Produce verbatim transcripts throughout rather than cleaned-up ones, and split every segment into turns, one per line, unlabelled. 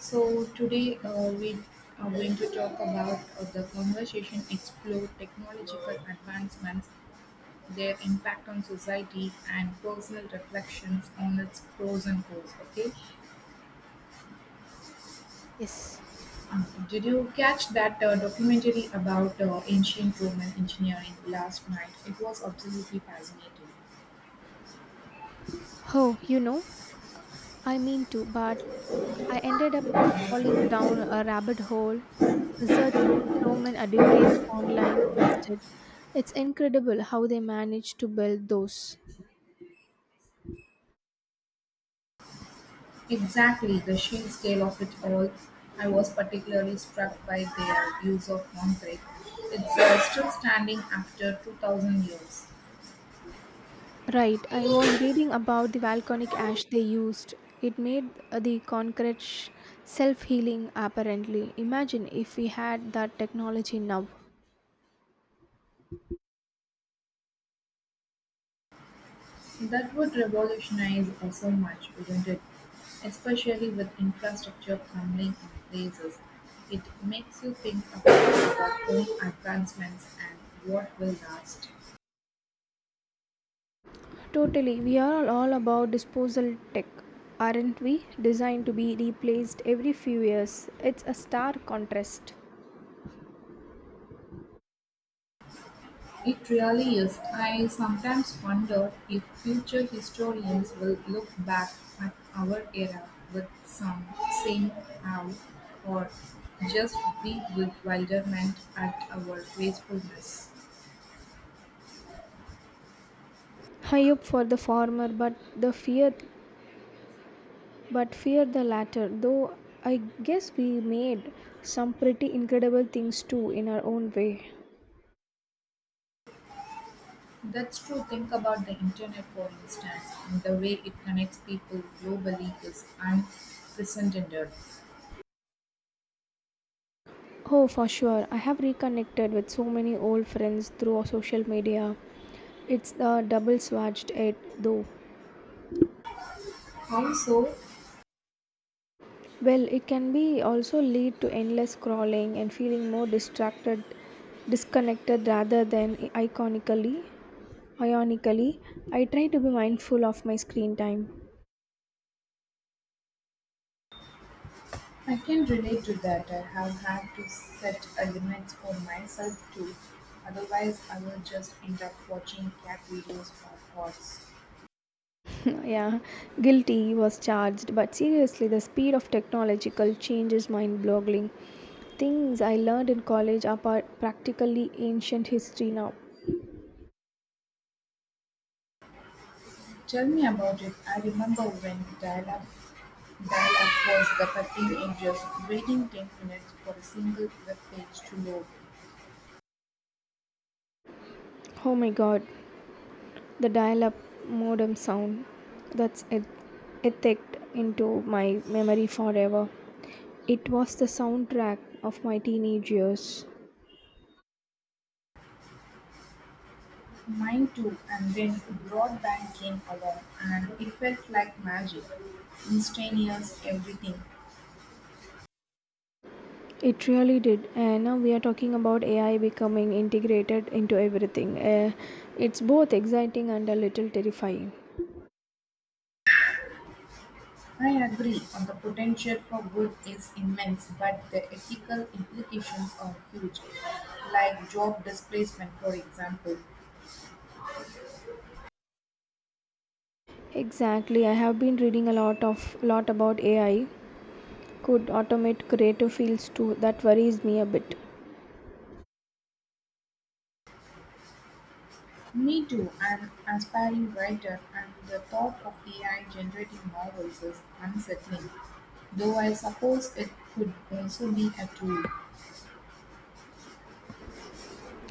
So today uh, we are going to talk about uh, the conversation explore technological advancements, their impact on society, and personal reflections on its pros and cons. Okay,
Yes.
uh, did you catch that uh, documentary about uh, ancient Roman engineering last night? It was absolutely fascinating.
Oh, you know, I mean to, but I ended up falling down a rabbit hole researching Roman educates online instead. It's incredible how they managed to build those.
Exactly, the sheer scale of it all. I was particularly struck by their use of concrete. It's uh, still standing after two thousand years.
Right, I was reading about the volcanic ash they used. It made uh, the concrete self healing apparently. Imagine if we had that technology now.
That would revolutionize uh, so much, wouldn't it? Especially with infrastructure crumbling in places. It makes you think about, about home advancements and what will last.
Totally, we are all about disposal tech, aren't we? Designed to be replaced every few years. It's a stark contrast.
It really is. I sometimes wonder if future historians will look back at our era with some same awe or just be bewilderment at our wastefulness.
High up for the former, but the fear, but fear the latter. Though I guess we made some pretty incredible things too in our own way.
That's true. Think about the internet, for instance, and the way it connects people globally is unprecedented.
Oh, for sure. I have reconnected with so many old friends through social media. It's a double-edged sword, though.
How so?
Well, it can be also lead to endless scrolling and feeling more distracted, disconnected rather than iconically, ionically. I try to be mindful of my screen time.
I can relate to that. I have had to set a limits for myself too. Otherwise, I will just end up watching cat videos for hours.
yeah, guilty was charged, but seriously, the speed of technological change is mind-boggling. Things I learned in college are par- practically ancient history now.
Tell me about it. I remember when dial-up dial-up was the thirteen ages, waiting ten minutes for a single web page to load.
Oh my god. The dial up modem sound that's et- etched into my memory forever. It was the soundtrack of my teenage years.
Mine too, and then broadband came along, and it felt like magic, instantaneous everything.
It really did. And now we are talking about A I becoming integrated into everything. Uh, it's both exciting and a little terrifying.
I agree on the potential for good is immense, but the ethical implications are huge, like job displacement, for example.
Exactly. I have been reading a lot of lot about A I could automate creative fields too. That worries me a bit.
Me too, an aspiring writer, and the thought of A I generating novels is unsettling, though I suppose it could also be a tool.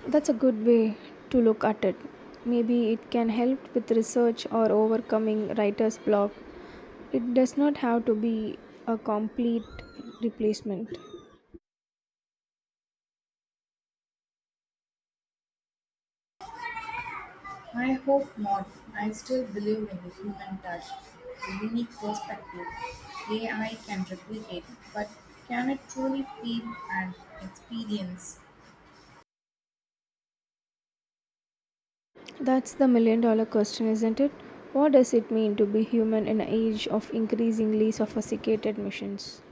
That's a good way to look at it. Maybe it can help with research or overcoming writer's block. It does not have to be a complete replacement.
I hope not. I still believe in the human touch, the unique perspective A I can replicate, but can it truly feel and experience?
That's the million dollar question, isn't it? What does it mean to be human in an age of increasingly sophisticated machines?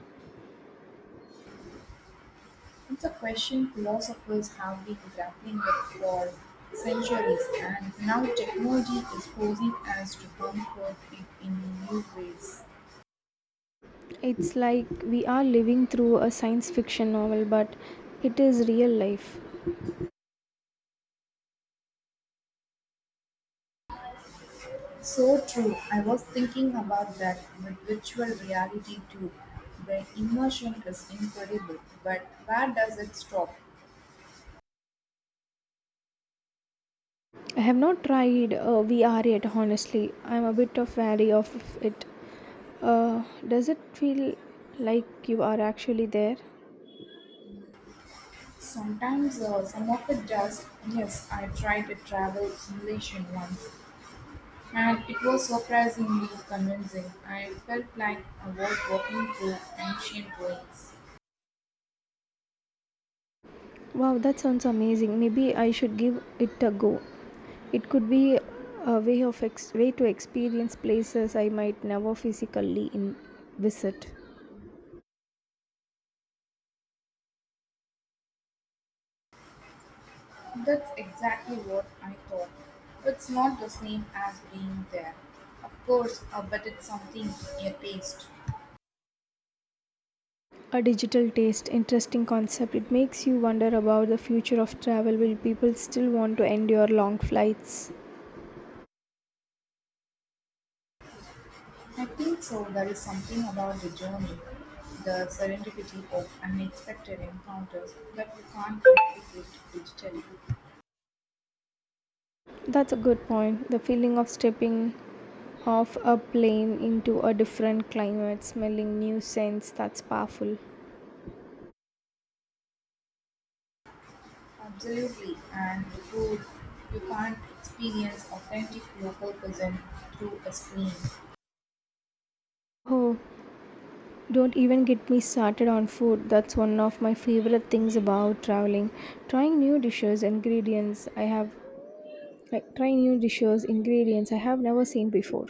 It's a question philosophers have been grappling with for centuries, and now technology is forcing us to comfort it in new ways.
It's like we are living through a science fiction novel, but it is real life.
So true. I was thinking about that with virtual reality too. The immersion is incredible, but where does it stop?
I have not tried uh, V R yet, honestly. I'm a bit of wary of it. Uh, does it feel like you are actually there?
Sometimes uh, some of it does. Yes, I tried a travel simulation once and it was surprisingly convincing. I felt like I was walking through ancient ruins.
Wow, that sounds amazing. Maybe I should give it a go. It could be a way of ex- way to experience places I might never physically in- visit.
That's exactly what I thought. It's not the same as being there. Of course, uh, but it's something a taste.
A digital taste, interesting concept. It makes you wonder about the future of travel. Will people still want to endure long flights?
I think so. There is something about the journey, the serendipity of unexpected encounters that you can't replicate digitally.
That's a good point. The feeling of stepping off a plane into a different climate, smelling new scents, that's powerful.
Absolutely, and the food you can't experience authentic local cuisine through a screen.
Oh, don't even get me started on food. That's one of my favorite things about traveling. Trying new dishes, ingredients I have like trying new dishes, ingredients I have never seen before.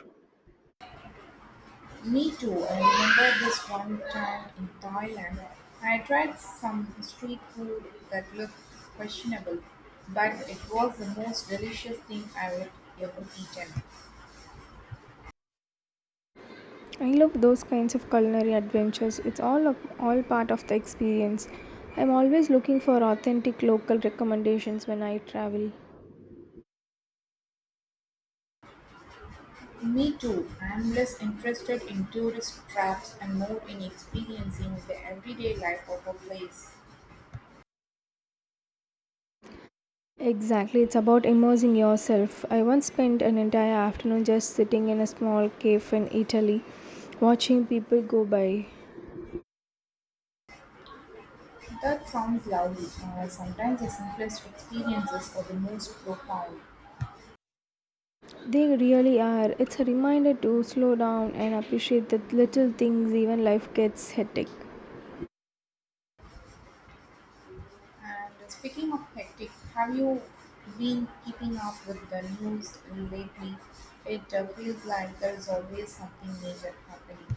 Me too. I remember this one time in Thailand. I tried some street food that looked questionable, but it was the most delicious thing I had ever eaten.
I love those kinds of culinary adventures. It's all of, all part of the experience. I'm always looking for authentic local recommendations when I travel.
Me too. I'm less interested in tourist traps and more in experiencing the everyday life of a place.
Exactly, it's about immersing yourself. I once spent an entire afternoon just sitting in a small cave in Italy, watching people go by.
That sounds lovely. Uh, sometimes the simplest experiences are the most profound.
They really are. It's a reminder to slow down and appreciate the little things, even life gets hectic.
And speaking of hectic, have you been keeping up with the news lately? It uh, feels like there's always something major happening.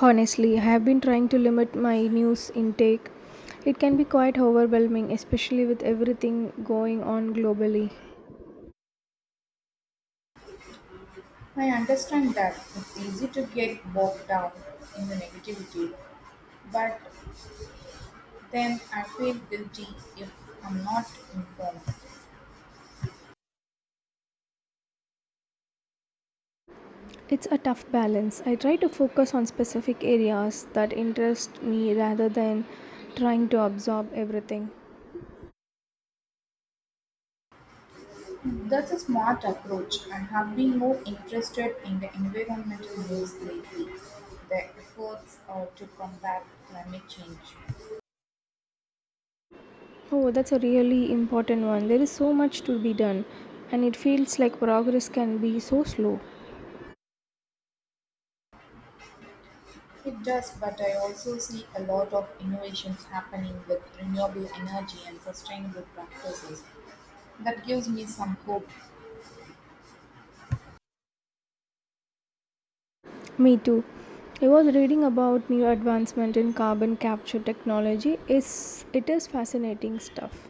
Honestly, I have been trying to limit my news intake. It can be quite overwhelming, especially with everything going on globally.
I understand that it's easy to get bogged down in the negativity, but then I feel guilty if I'm not informed.
It's a tough balance. I try to focus on specific areas that interest me rather than trying to absorb everything.
That's a smart approach. I have been more interested in the environmental news lately, the efforts uh, to combat climate change.
Oh, that's a really important one. There is so much to be done, and it feels like progress can be so slow.
It does, but I also see a lot of innovations happening with renewable energy and sustainable practices. That gives me some hope.
Me too. I was reading about new advancement in carbon capture technology. Is it is fascinating stuff.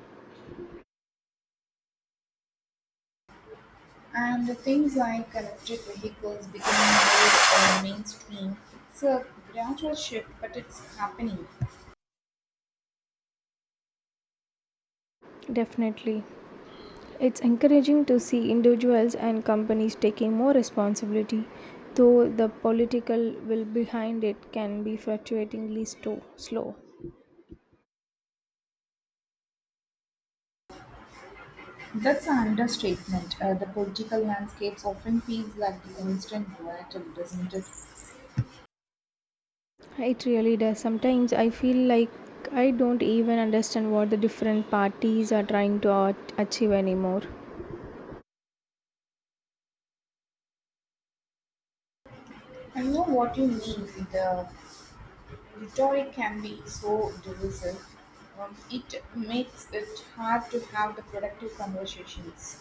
And things like electric vehicles becoming more uh, mainstream. It's a gradual shift, but it's happening.
Definitely. It's encouraging to see individuals and companies taking more responsibility, though the political will behind it can be frustratingly sto- slow.
That's an understatement. Uh, the political landscapes often feels like the constant battle, doesn't it?
It really does. Sometimes I feel like I don't even understand what the different parties are trying to at- achieve anymore.
I know what you mean. The rhetoric can be so divisive. Um, it makes it hard to have the productive conversations.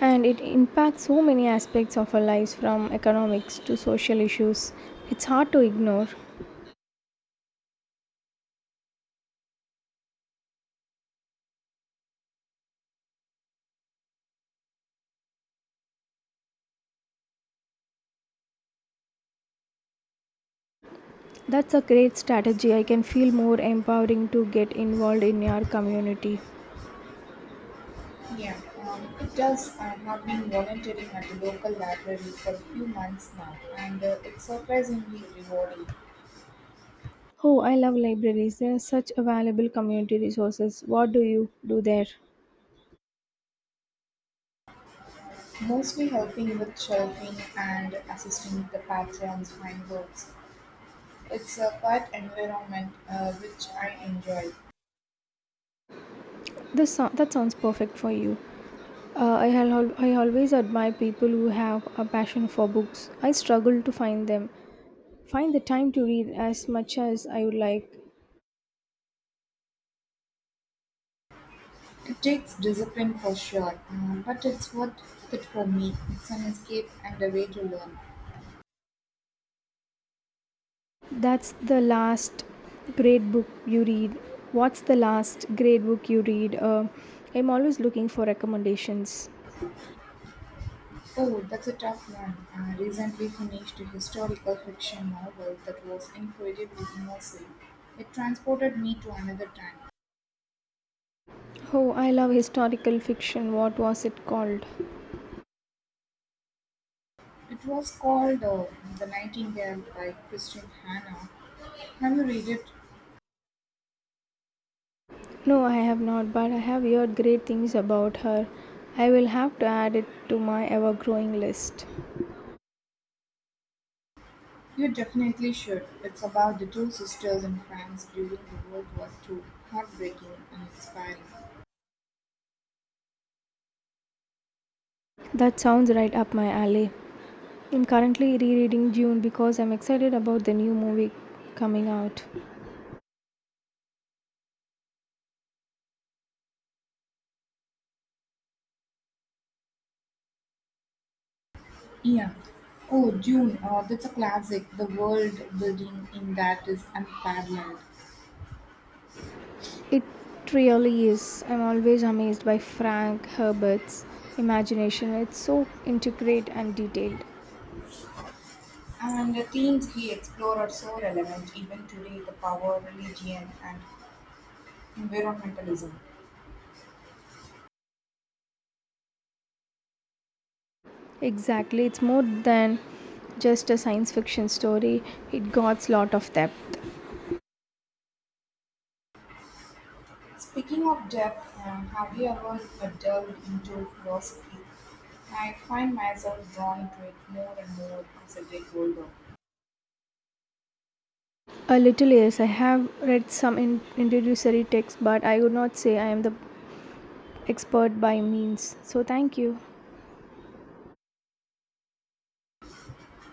And it impacts so many aspects of our lives from economics to social issues. It's hard to ignore. That's a great strategy. I can feel more empowering to get involved in your community.
Yeah, um, it does. I have been volunteering at the local library for a few months now, and uh, it's surprisingly rewarding.
Oh, I love libraries. They are such a valuable community resources. What do you do there?
Mostly helping with shelving and assisting the patrons find books. It's a quiet environment, uh, which I enjoy.
This so- that sounds perfect for you. Uh, I, al- I always admire people who have a passion for books. I struggle to find them, find the time to read as much as I would like.
It takes discipline for sure, uh, but it's worth it for me. It's an escape and a way to learn.
That's the last great book you read. What's the last great book you read? Uh, I'm always looking for recommendations.
Oh, that's a tough one. I recently finished a historical fiction novel that was incredibly immersive. It transported me to another time.
Oh, I love historical fiction. What was it called?
It was called uh, The Nightingale by Christian Hannah. Have you read it?
No, I have not, but I have heard great things about her. I will have to add it to my ever growing list.
You definitely should. It's about the two sisters in France during the World War two. Heartbreaking and inspiring.
That sounds right up my alley. I'm currently rereading Dune because I'm excited about the new movie coming out.
Yeah. Oh, Dune, uh, that's a classic. The world building in that is unparalleled.
It really is. I'm always amazed by Frank Herbert's imagination. It's so intricate and detailed.
And the themes he explored are so relevant even today the power, religion, and environmentalism.
Exactly, it's more than just a science fiction story, it got a lot of depth.
Speaking of depth, um, have you ever delved into philosophy? I find myself drawn to it more and more as I get older.
A little, yes. I have read some in- introductory texts, but I would not say I am the expert by means. So, thank you.